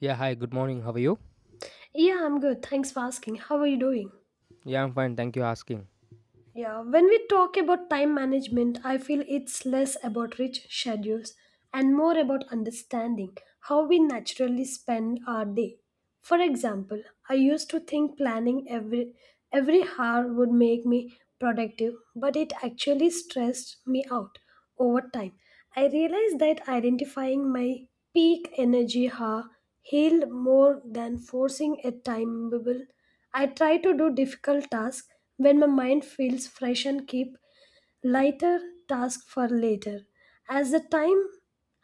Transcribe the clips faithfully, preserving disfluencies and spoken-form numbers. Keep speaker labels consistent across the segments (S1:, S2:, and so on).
S1: Yeah, hi, good morning. How are you?
S2: Yeah, I'm good. Thanks for asking. How are you doing?
S1: Yeah, I'm fine. Thank you asking.
S2: Yeah, when we talk about time management, I feel it's less about rich schedules and more about understanding how we naturally spend our day. For example, I used to think planning every every hour would make me productive, but it actually stressed me out over time. I realized that identifying my peak energy hour healed more than forcing a timeable. I try to do difficult tasks when my mind feels fresh and keep lighter tasks for later. As the time,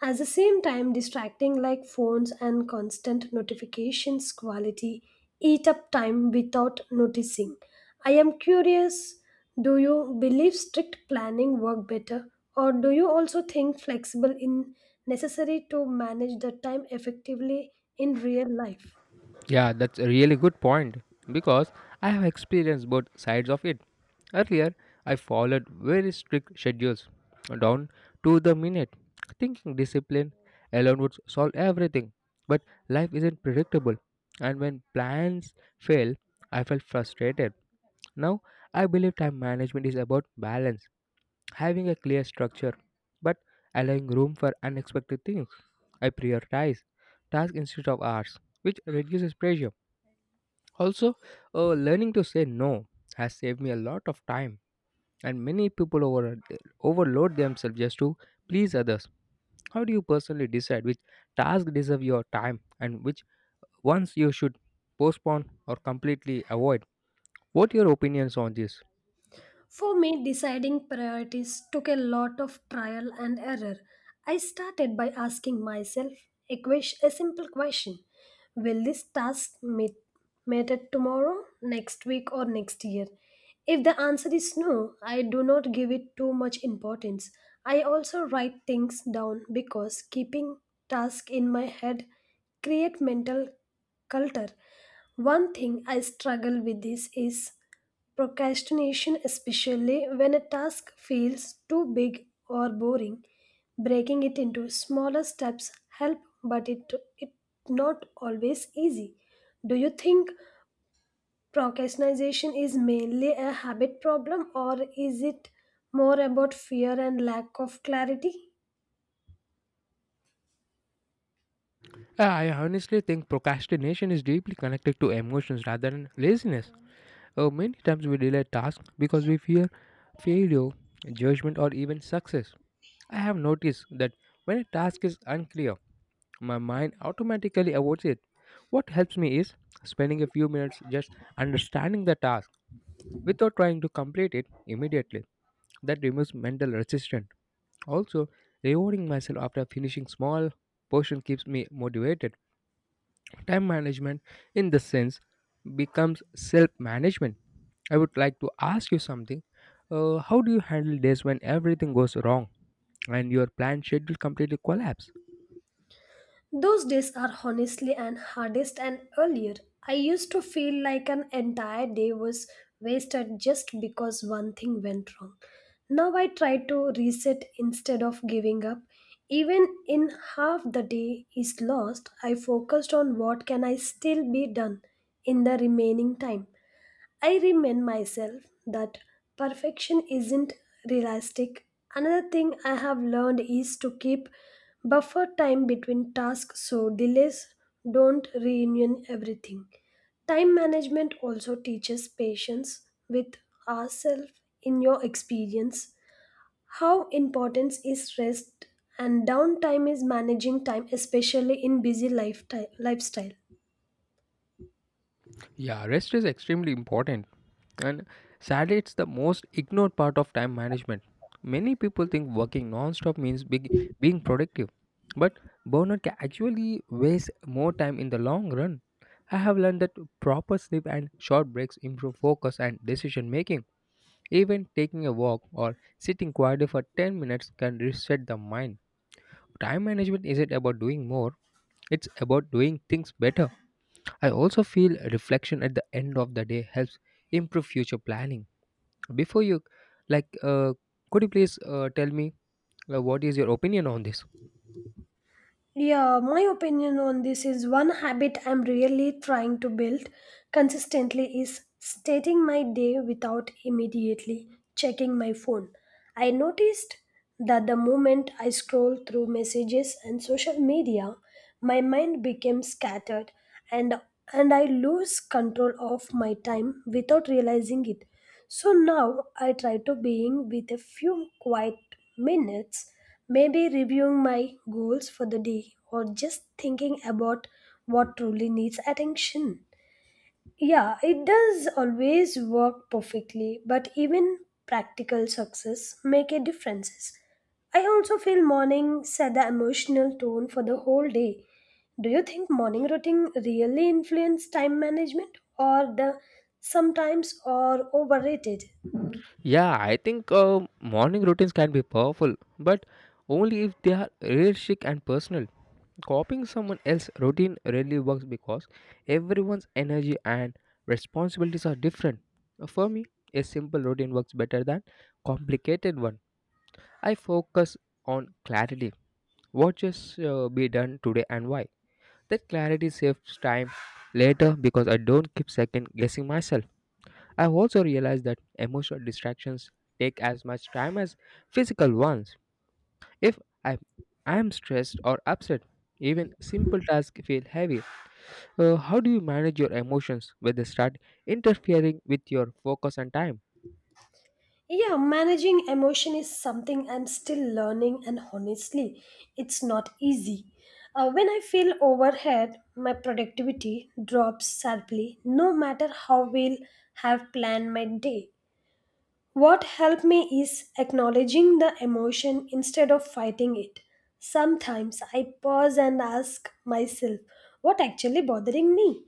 S2: as the same time, distracting like phones and constant notifications quality eat up time without noticing. I am curious, do you believe strict planning work better, or do you also think flexible in necessary to manage the time effectively in real life?
S1: Yeah, that's a really good point because I have experienced both sides of it. Earlier, I followed very strict schedules down to the minute, thinking discipline alone would solve everything. But life isn't predictable, and when plans fail, I felt frustrated. Now, I believe time management is about balance, having a clear structure but allowing room for unexpected things. I prioritize tasks instead of hours, which reduces pressure. Also, uh, learning to say no has saved me a lot of time, and many people over, overload themselves just to please others. How do you personally decide which tasks deserve your time and which ones you should postpone or completely avoid? What are your opinions on this?
S2: For me, deciding priorities took a lot of trial and error. I started by asking myself a, ques- a simple question. Will this task meet, matter tomorrow, next week, or next year? If the answer is no, I do not give it too much importance. I also write things down because keeping tasks in my head create mental culture. One thing I struggle with this is procrastination, especially when a task feels too big or boring. Breaking it into smaller steps help, but it it not always easy. Do you think procrastination is mainly a habit problem, or is it more about fear and lack of clarity?
S1: Uh, I honestly think procrastination is deeply connected to emotions rather than laziness. Uh, many times we delay tasks because we fear failure, judgment, or even success. I have noticed that when a task is unclear, my mind automatically avoids it. What helps me is spending a few minutes just understanding the task without trying to complete it immediately. That removes mental resistance. Also, rewarding myself after finishing small portion keeps me motivated. Time management, in this sense, becomes self management. I would like to ask you something. Uh, how do you handle days when everything goes wrong and your planned schedule completely collapse?
S2: Those days are honestly and hardest and earlier. I used to feel like an entire day was wasted just because one thing went wrong. Now I try to reset instead of giving up. Even in half the day is lost, I focused on what can I still be done in the remaining time. I remind myself that perfection isn't realistic. Another thing I have learned is to keep buffer time between tasks so delays don't ruin everything. Time management also teaches patience with ourselves in your experience. How important is rest and downtime is managing time, especially in busy lifeti- lifestyle?
S1: Yeah, rest is extremely important. And sadly, it's the most ignored part of time management. Many people think working non-stop means big, being productive, but burnout can actually waste more time in the long run. I have learned that proper sleep and short breaks improve focus and decision making. Even taking a walk or sitting quietly for ten minutes can reset the mind. Time management isn't about doing more, it's about doing things better. I also feel reflection at the end of the day helps improve future planning. Before you, like, uh, could you please uh, tell me uh, what is your opinion on this?
S2: Yeah, my opinion on this is one habit I'm really trying to build consistently is starting my day without immediately checking my phone. I noticed that the moment I scroll through messages and social media, my mind became scattered and and I lose control of my time without realizing it. So now I try to being with a few quiet minutes, maybe reviewing my goals for the day or just thinking about what truly needs attention. Yeah, it does always work perfectly, but even practical success make a differences. I also feel morning set the emotional tone for the whole day. Do you think morning routine really influence time management, or the sometimes or overrated?
S1: Yeah, I think uh, morning routines can be powerful, but only if they are realistic and personal. Copying someone else's routine rarely works because everyone's energy and responsibilities are different. Uh, For me, a simple routine works better than complicated one. I focus on clarity what just uh, be done today and why. That clarity saves time later because I don't keep second guessing myself. I also realize that emotional distractions take as much time as physical ones. If I I am stressed or upset, even simple tasks feel heavy. Uh, how do you manage your emotions when they start interfering with your focus and time?
S2: Yeah, managing emotion is something I'm still learning, and honestly, it's not easy. Uh, when I feel overhead, my productivity drops sharply, no matter how well I've planned my day. What helped me is acknowledging the emotion instead of fighting it. Sometimes I pause and ask myself what actually bothering me,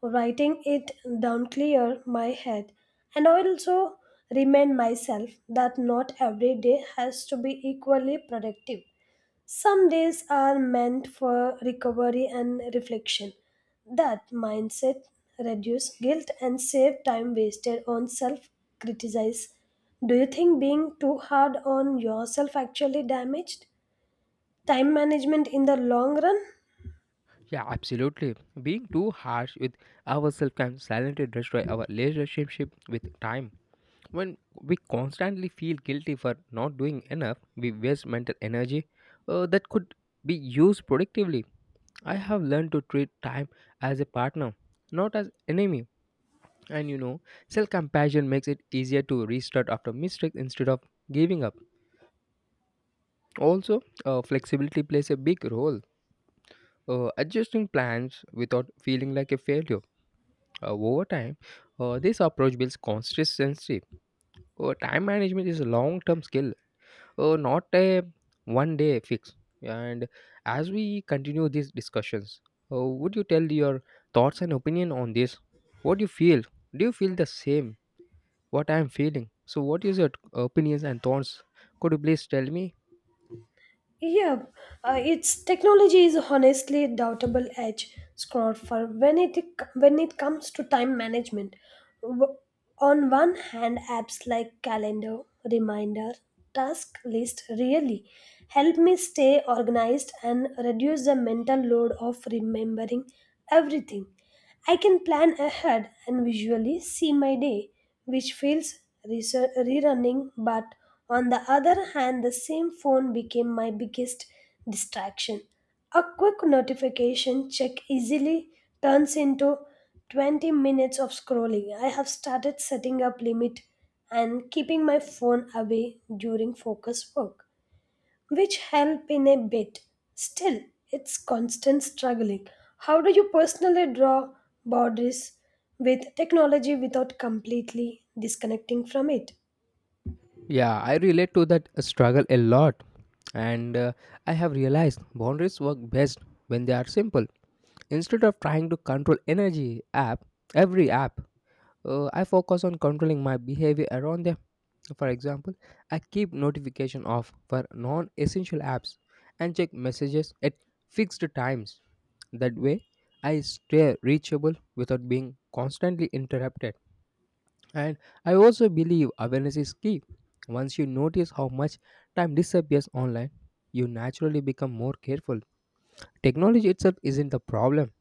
S2: writing it down clear my head. And I also remind myself that not every day has to be equally productive. Some days are meant for recovery and reflection. That mindset reduces guilt and save time wasted on self criticize. Do you think being too hard on yourself actually damaged time management in the long run?
S1: Yeah, absolutely. Being too harsh with ourselves can silently destroy our relationship with time. When we constantly feel guilty for not doing enough, we waste mental energy uh, that could be used productively. I have learned to treat time as a partner, not as enemy. And you know, self-compassion makes it easier to restart after mistakes instead of giving up. Also, uh, flexibility plays a big role. Uh, adjusting plans without feeling like a failure Uh, over time, uh, this approach builds consistency. Uh, time management is a long term skill, uh, not a one day fix. And as we continue these discussions, uh, would you tell your thoughts and opinion on this? What do you feel? Do you feel the same? What I am feeling? So, what is your opinions and thoughts? Could you please tell me?
S2: Yeah, uh, its technology is honestly a doubtable edge, Scott, for when it when it comes to time management. W- On one hand, apps like calendar, reminder, task list really help me stay organized and reduce the mental load of remembering everything. I can plan ahead and visually see my day, which feels reser- rerunning, but on the other hand, the same phone became my biggest distraction. A quick notification check easily turns into twenty minutes of scrolling. I have started setting up limit and keeping my phone away during focus work, which help in a bit. Still, it's constant struggling. How do you personally draw boundaries with technology without completely disconnecting from it?
S1: Yeah, I relate to that struggle a lot, and uh, I have realized boundaries work best when they are simple. Instead of trying to control energy app, Every app, uh, I focus on controlling my behavior around them. For example, I keep notification off for non-essential apps and check messages at fixed times. That way, I stay reachable without being constantly interrupted. And I also believe awareness is key. Once you notice how much time disappears online, you naturally become more careful. Technology itself isn't the problem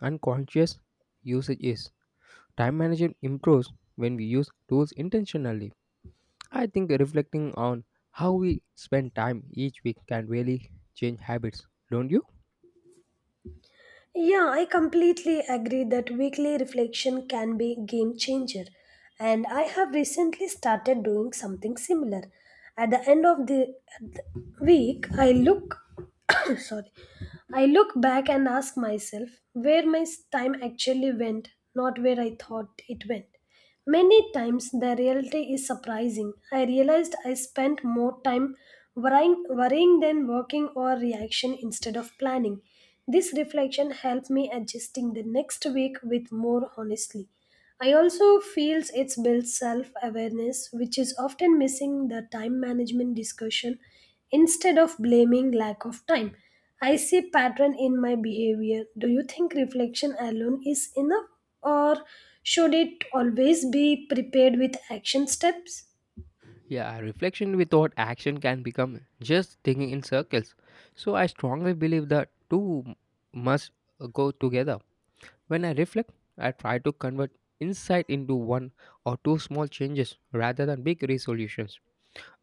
S1: and conscious usage is. Time management improves when we use tools intentionally. I think reflecting on how we spend time each week can really change habits, don't you?
S2: Yeah, I completely agree that weekly reflection can be game changer. And I have recently started doing something similar. At the end of the, at the week, I look sorry. I look back and ask myself where my s- time actually went, not where I thought it went. Many times the reality is surprising. I realized I spent more time worrying, worrying than working or reaction instead of planning. This reflection helped me adjusting the next week with more honestly. I also feels it's builds self-awareness, which is often missing the time management discussion instead of blaming lack of time. I see pattern in my behavior. Do you think reflection alone is enough, or should it always be prepared with action steps?
S1: Yeah, reflection without action can become just thinking in circles. So I strongly believe that two m- must uh, go together. When I reflect, I try to convert insight into one or two small changes rather than big resolutions.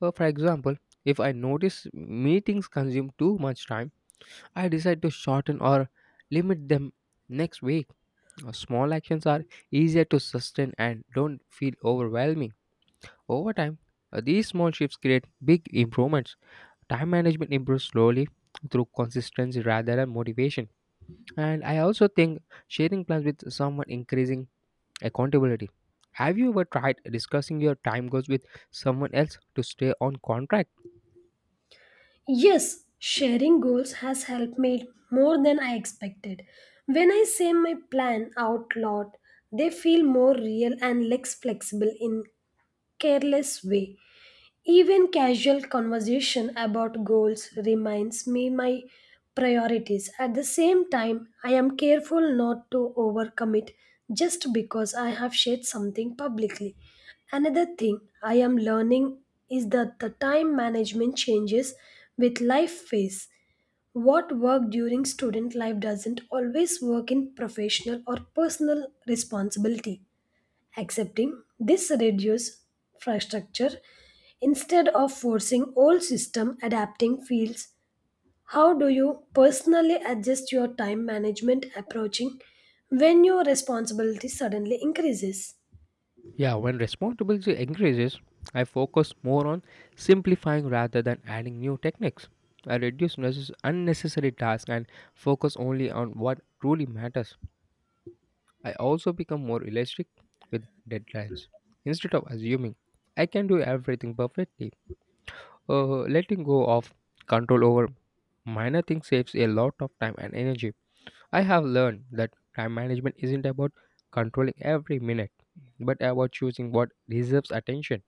S1: Uh, for example, if I notice meetings consume too much time, I decide to shorten or limit them next week. Uh, Small actions are easier to sustain and don't feel overwhelming. Over time, uh, these small shifts create big improvements. Time management improves slowly through consistency rather than motivation. And I also think sharing plans with someone increasing Accountability. Have you ever tried discussing your time goals with someone else to stay on contract?
S2: Yes, sharing goals has helped me more than I expected. When I say my plan out loud, they feel more real and less flexible in careless way. Even casual conversation about goals reminds me my priorities. At the same time, I am careful not to overcommit just because I have shared something publicly. Another thing I am learning is that the time management changes with life phase. What worked during student life doesn't always work in professional or personal responsibility. Accepting this reduces infrastructure instead of forcing old system adapting fields. How do you personally adjust your time management approaching when your responsibility suddenly increases?
S1: Yeah, when responsibility increases, I focus more on simplifying rather than adding new techniques. I reduce necess- unnecessary tasks and focus only on what truly matters. I also become more realistic with deadlines. Instead of assuming I can do everything perfectly, uh, letting go of control over minor things saves a lot of time and energy. I have learned that time management isn't about controlling every minute, but about choosing what deserves attention.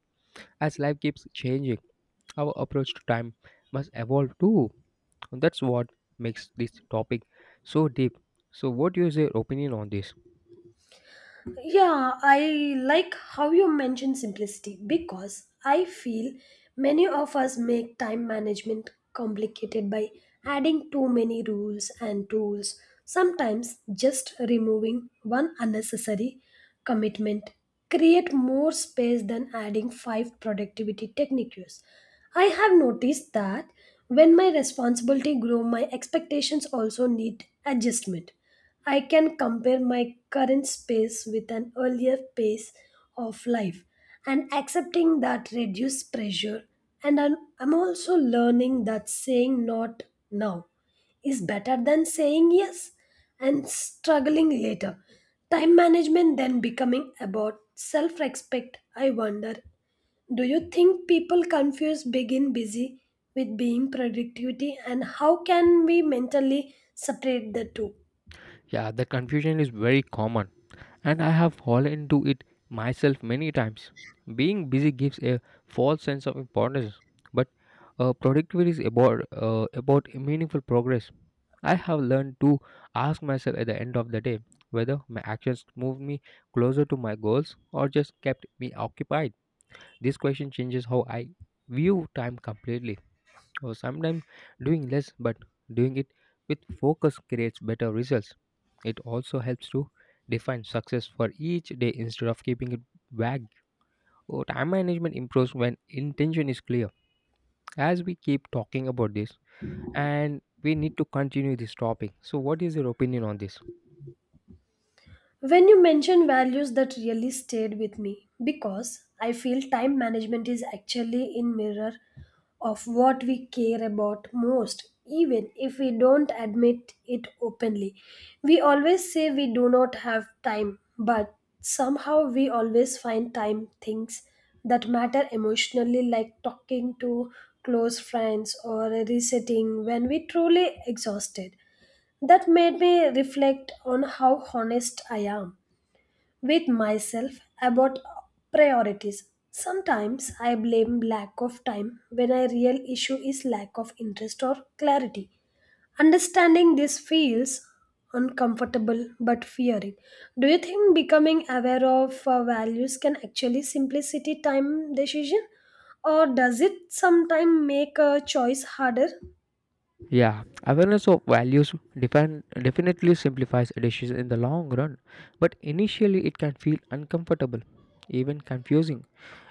S1: As life keeps changing, our approach to time must evolve too. That's what makes this topic so deep. So, what is your opinion on this?
S2: Yeah, I like how you mention simplicity because I feel many of us make time management complicated by adding too many rules and tools. Sometimes just removing one unnecessary commitment create more space than adding five productivity techniques. I have noticed that when my responsibility grow my expectations also need adjustment. I can compare my current space with an earlier pace of life and accepting that reduced pressure. And I'm, I'm also learning that saying not now is better than saying yes and struggling later. Time management then becoming about self respect. I wonder, do you think people confuse being busy with being productivity, and how can we mentally separate the two?
S1: Yeah, the confusion is very common, and I have fallen into it myself many times. Being busy gives a false sense of importance, but uh, productivity is about uh, about meaningful progress. I have learned to ask myself at the end of the day whether my actions moved me closer to my goals or just kept me occupied. This question changes how I view time completely or sometimes doing less but doing it with focus creates better results. It also helps to define success for each day instead of keeping it vague. Or time management improves when intention is clear. As we keep talking about this, and we need to continue this topic. So, what is your opinion on this?
S2: When you mention values that really stayed with me because I feel time management is actually in mirror of what we care about most even if we don't admit it openly. We always say we do not have time but somehow we always find time things that matter emotionally like talking to close friends or resetting when we truly exhausted. That made me reflect on how honest I am with myself about priorities. Sometimes I blame lack of time when a real issue is lack of interest or clarity. Understanding this feels uncomfortable but fearing. Do you think becoming aware of uh, values can actually simplicity time decision, or does it sometimes make a choice harder?
S1: Yeah, awareness of values defin- definitely simplifies decisions in the long run, but initially it can feel uncomfortable, even confusing.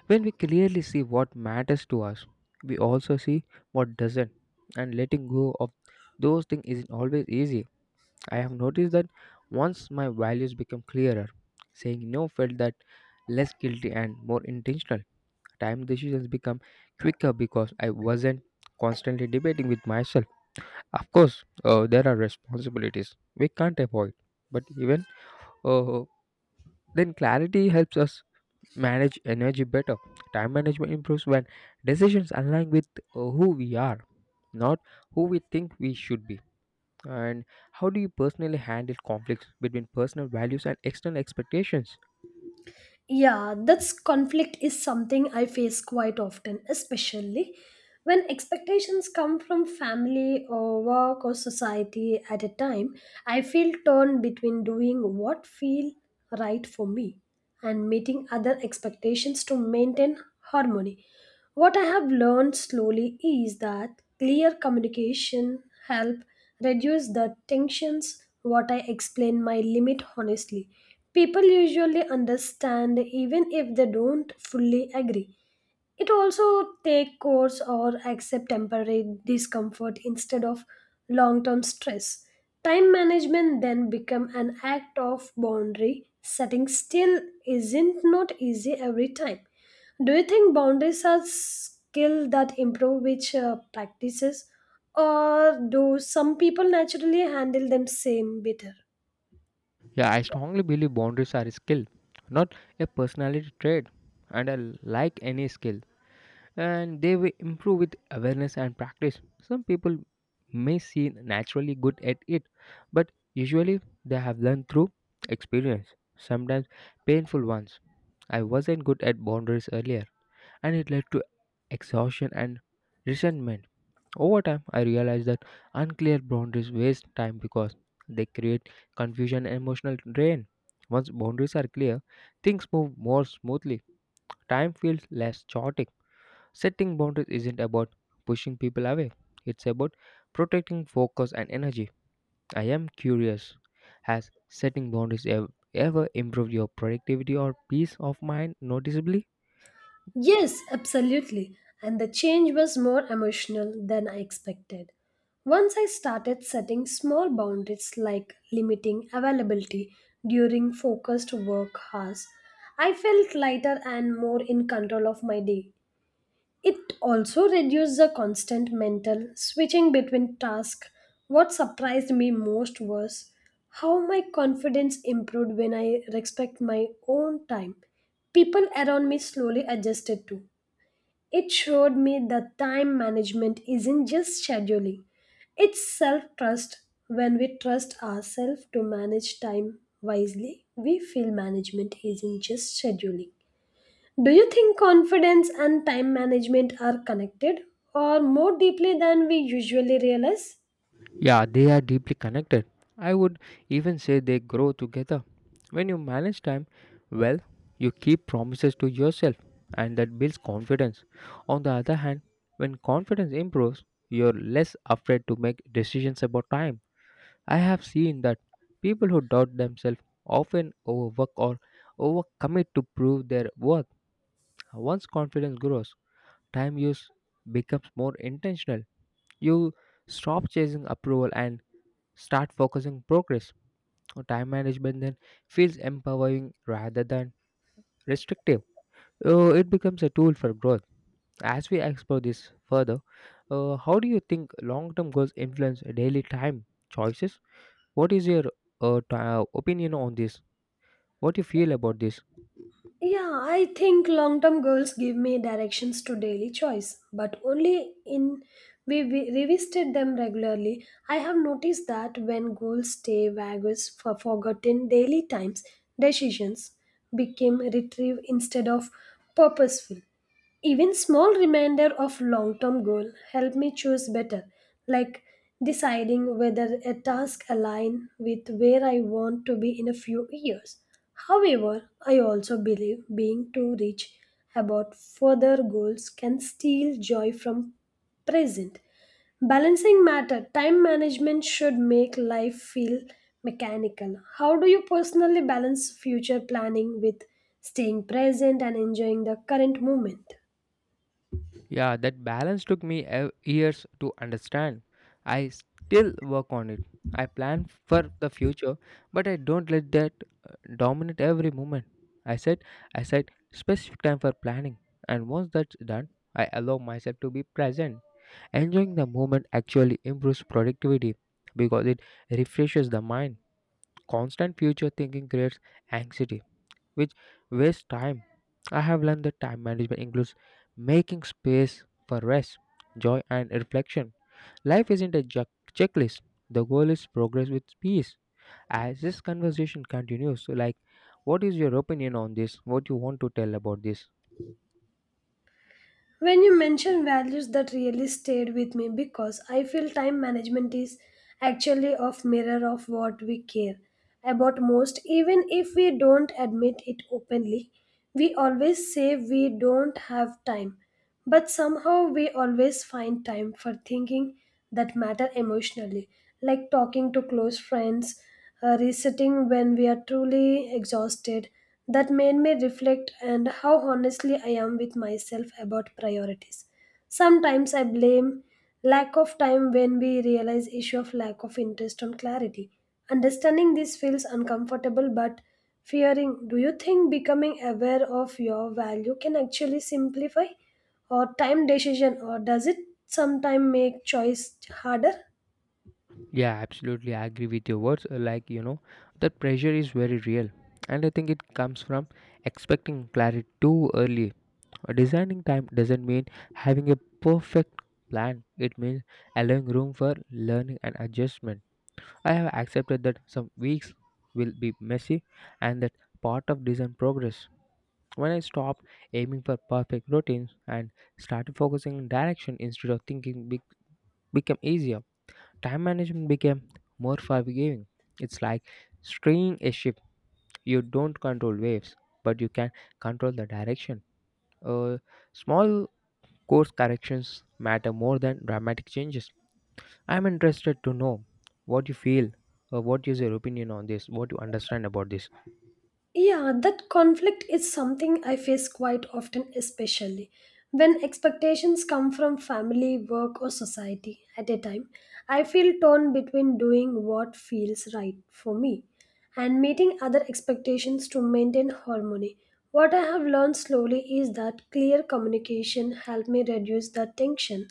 S1: When we clearly see what matters to us, we also see what doesn't, and letting go of those things isn't always easy. I have noticed that once my values become clearer, saying no felt that less guilty and more intentional. Time decisions become quicker because I wasn't constantly debating with myself. Of course, uh, there are responsibilities we can't avoid, but even uh, then clarity helps us manage energy better. Time management improves when decisions align with uh, who we are, not who we think we should be. And how do you personally handle conflicts between personal values and external expectations?
S2: Yeah, that's conflict is something I face quite often, especially when expectations come from family or work or society at a time. I feel torn between doing what feel right for me and meeting other expectations to maintain harmony. What I have learned slowly is that clear communication help reduce the tensions what I explain my limit honestly. People usually understand even if they don't fully agree. It also take course or accept temporary discomfort instead of long-term stress. Time management then become an act of boundary setting still isn't not easy every time. Do you think boundaries are skill that improve which uh, practices, or do some people naturally handle them same better?
S1: Yeah, I strongly believe boundaries are a skill, not a personality trait. And I like any skill and they will improve with awareness and practice. Some people may seem naturally good at it, but usually they have learned through experience, sometimes painful ones. I wasn't good at boundaries earlier, and it led to exhaustion and resentment. Over time, I realized that unclear boundaries waste time because they create confusion and emotional drain. Once boundaries are clear, things move more smoothly. Time feels less chaotic. Setting boundaries isn't about pushing people away, it's about protecting focus and energy. I am curious, has setting boundaries ev- ever improved your productivity or peace of mind noticeably?
S2: Yes, absolutely. And the change was more emotional than I expected. Once I started setting small boundaries like limiting availability during focused work hours, I felt lighter and more in control of my day. It also reduced the constant mental switching between tasks. What surprised me most was how my confidence improved when I respect my own time. People around me slowly adjusted too. It showed me that time management isn't just scheduling, it's self trust. When we trust ourselves to manage time wisely, we feel management isn't just scheduling. Do you think confidence and time management are connected or more deeply than we usually realize?
S1: Yeah, they are deeply connected. I would even say they grow together. When you manage time well, you keep promises to yourself and that builds confidence. On the other hand, when confidence improves, you're less afraid to make decisions about time. I have seen that people who doubt themselves often overwork or overcommit to prove their worth. Once confidence grows, time use becomes more intentional. You stop chasing approval and start focusing progress. Time management then feels empowering rather than restrictive. Uh, it becomes a tool for growth. As we explore this further, uh, how do you think long-term goals influence daily time choices? What is your uh, t- uh, opinion on this? What you feel about this?
S2: Yeah, I think long term goals give me directions to daily choice, but only in we we revisited them regularly. I have noticed that when goals stay vague for forgotten daily times, decisions became retrieved instead of purposeful. Even small reminder of long-term goal help me choose better, like deciding whether a task align with where I want to be in a few years. However, I also believe being too rich about further goals can steal joy from present. Balancing matter, time management should make life feel mechanical. How do you personally balance future planning with staying present and enjoying the current moment?
S1: Yeah, that balance took me ev- years to understand. I still work on it. I plan for the future, but I don't let that uh, dominate every moment. I said, I set specific time for planning, and once that's done, I allow myself to be present. Enjoying the moment actually improves productivity because it refreshes the mind. Constant future thinking creates anxiety which wastes time. I have learned that time management includes making space for rest, joy, and reflection. Life isn't a ju- checklist, the goal is progress with peace. As this conversation continues, so like, what is your opinion on this? What you want to tell about this?
S2: When you mention values that really stayed with me because I feel time management is actually a mirror of what we care about most even if we don't admit it openly. We always say we don't have time, but somehow we always find time for thinking that matter emotionally, like talking to close friends, uh, resetting when we are truly exhausted. That made me reflect and how honestly I am with myself about priorities. Sometimes I blame lack of time when we realize issue of lack of interest on clarity. Understanding this feels uncomfortable but fearing. Do you think becoming aware of your value can actually simplify, or time decision, or does it sometimes make choice harder?
S1: Yeah, absolutely. I agree with your words. Uh, Like, you know, the pressure is very real. And I think it comes from expecting clarity too early. Uh, Designing time doesn't mean having a perfect plan, it means allowing room for learning and adjustment. I have accepted that some weeks will be messy and that part of design progress. When I stopped aiming for perfect routines and started focusing on direction instead of thinking, be- become easier. Time management became more forgiving. It's like steering a ship. You don't control waves, but you can control the direction. Uh, Small course corrections matter more than dramatic changes. I'm interested to know what you feel. Uh, what is your opinion on this? What you understand about this?
S2: Yeah, that conflict is something I face quite often, especially when expectations come from family, work, or society at a time. I feel torn between doing what feels right for me and meeting other expectations to maintain harmony. What I have learned slowly is that clear communication helped me reduce that tension.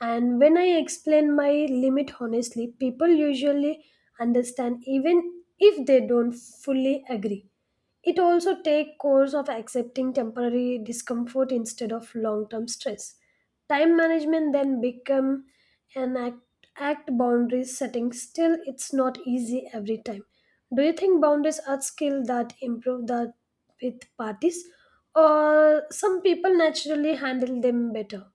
S2: And when I explain my limit honestly, people usually understand even if they don't fully agree. It also take course of accepting temporary discomfort instead of long-term stress. Time management then become an act, act boundaries setting. Still, it's not easy every time. Do you think boundaries are skill that improve that with parties, or some people naturally handle them better?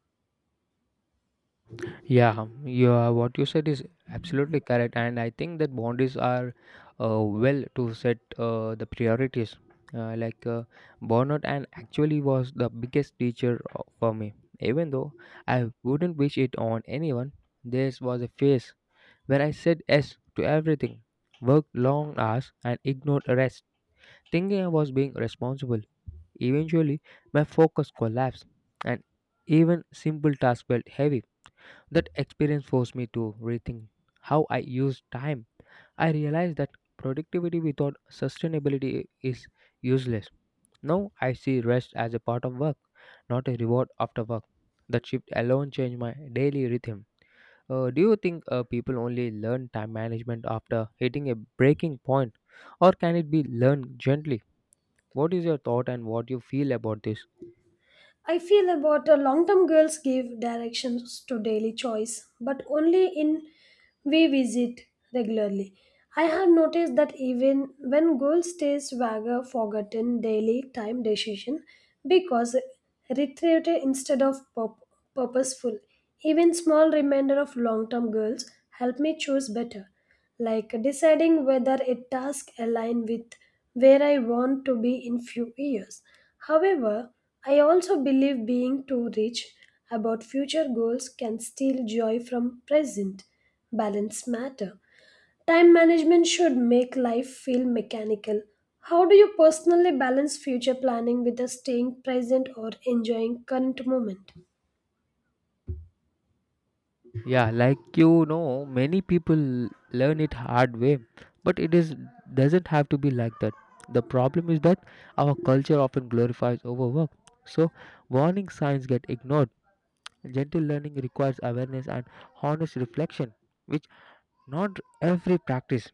S1: Yeah, yeah, what you said is absolutely correct, and I think that boundaries are uh, well to set uh, the priorities. Uh, like uh, Burnout, and actually was the biggest teacher uh, for me. Even though I wouldn't wish it on anyone, this was a phase where I said yes to everything, worked long hours, and ignored rest, thinking I was being responsible. Eventually, my focus collapsed, and even simple tasks felt heavy. That experience forced me to rethink how I use time. I realized that productivity without sustainability is useless. Now I see rest as a part of work, not a reward after work. That shift alone changed my daily rhythm. Uh, do you think uh, people only learn time management after hitting a breaking point, or can it be learned gently? What is your thought and what you feel about this?
S2: I feel about a long term goals give directions to daily choice, but only in we visit regularly. I have noticed that even when girls stays vague, forgotten daily time decision because reiterated instead of purp- purposeful. Even small reminder of long term goals help me choose better like deciding whether a task aligns with where I want to be in few years. However, I also believe being too rich about future goals can steal joy from present. Balance matter. Time management should make life feel mechanical. How do you personally balance future planning with the staying present or enjoying current moment?
S1: Yeah, like you know, many people learn it hard way, but it is doesn't have to be like that. The problem is that our culture often glorifies overwork. So warning signs get ignored. Gentle learning requires awareness and honest reflection, which not every practice.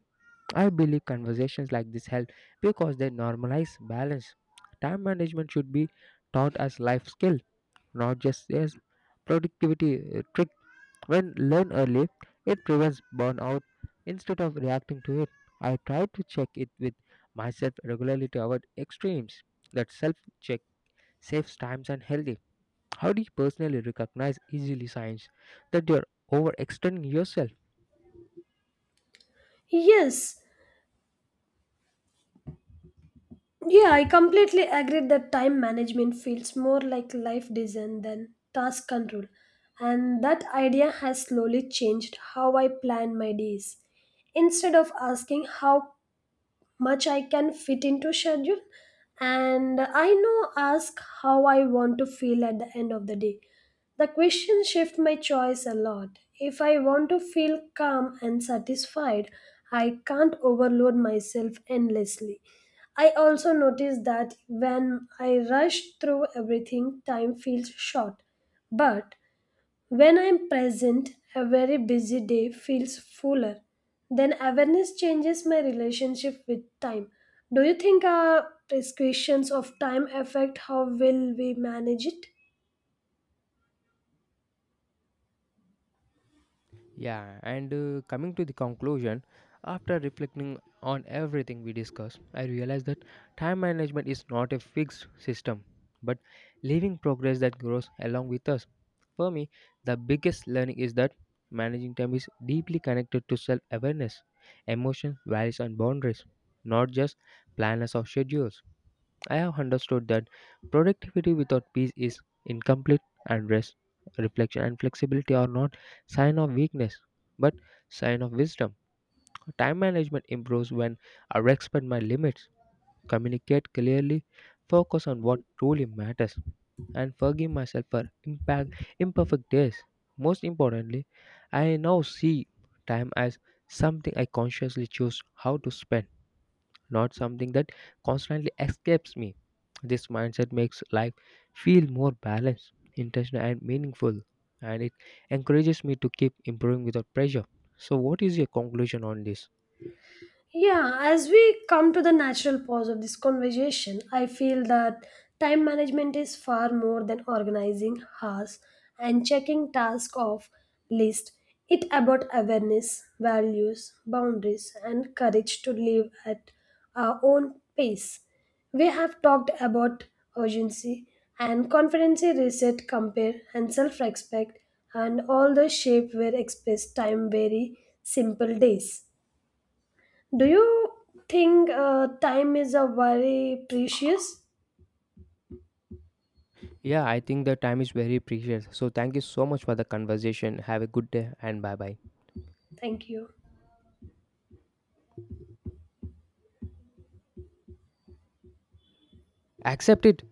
S1: I believe conversations like this help because they normalize balance. Time management should be taught as life skill not just as productivity uh, trick. When learned early, it prevents burnout instead of reacting to it. I try to check it with myself regularly to avoid extremes. That self check saves times and healthy. How do you personally recognize easily signs that you're overextending yourself?
S2: Yes, Yeah, I completely agree that time management feels more like life design than task control. And that idea has slowly changed how I plan my days. Instead of asking how much I can fit into schedule and I know ask how I want to feel at the end of the day. The question shift my choice a lot. If I want to feel calm and satisfied, I can't overload myself endlessly. I also notice that when I rush through everything, time feels short. But when I'm present, a very busy day feels fuller. Then awareness changes my relationship with time. Do you think our prescriptions of time affect how well we manage it?
S1: Yeah, and uh, coming to the conclusion, after reflecting on everything we discussed, I realized that time management is not a fixed system, but living progress that grows along with us. For me, the biggest learning is that managing time is deeply connected to self awareness, emotion, values, and boundaries, not just planners or schedules. I have understood that productivity without peace is incomplete and rest, reflection and flexibility are not sign of weakness but sign of wisdom. Time management improves when I respect my limits, communicate clearly, focus on what truly matters and forgive myself for impact imperfect days. Most importantly, I now see time as something I consciously choose how to spend not something that constantly escapes me. This mindset makes life feel more balanced, intentional, and meaningful, and it encourages me to keep improving without pressure. So, what is your conclusion on this?
S2: Yeah, as we come to the natural pause of this conversation, I feel that time management is far more than organizing hours and checking tasks off list. It about awareness, values, boundaries, and courage to live at our own pace. We have talked about urgency and confidence reset, compare, and self respect, and all the shape where express time very simple days. Do you think uh, time is a very precious?
S1: Yeah, I think the time is very precious. So, thank you so much for the conversation. Have a good day and bye bye.
S2: Thank you.
S1: Accept it.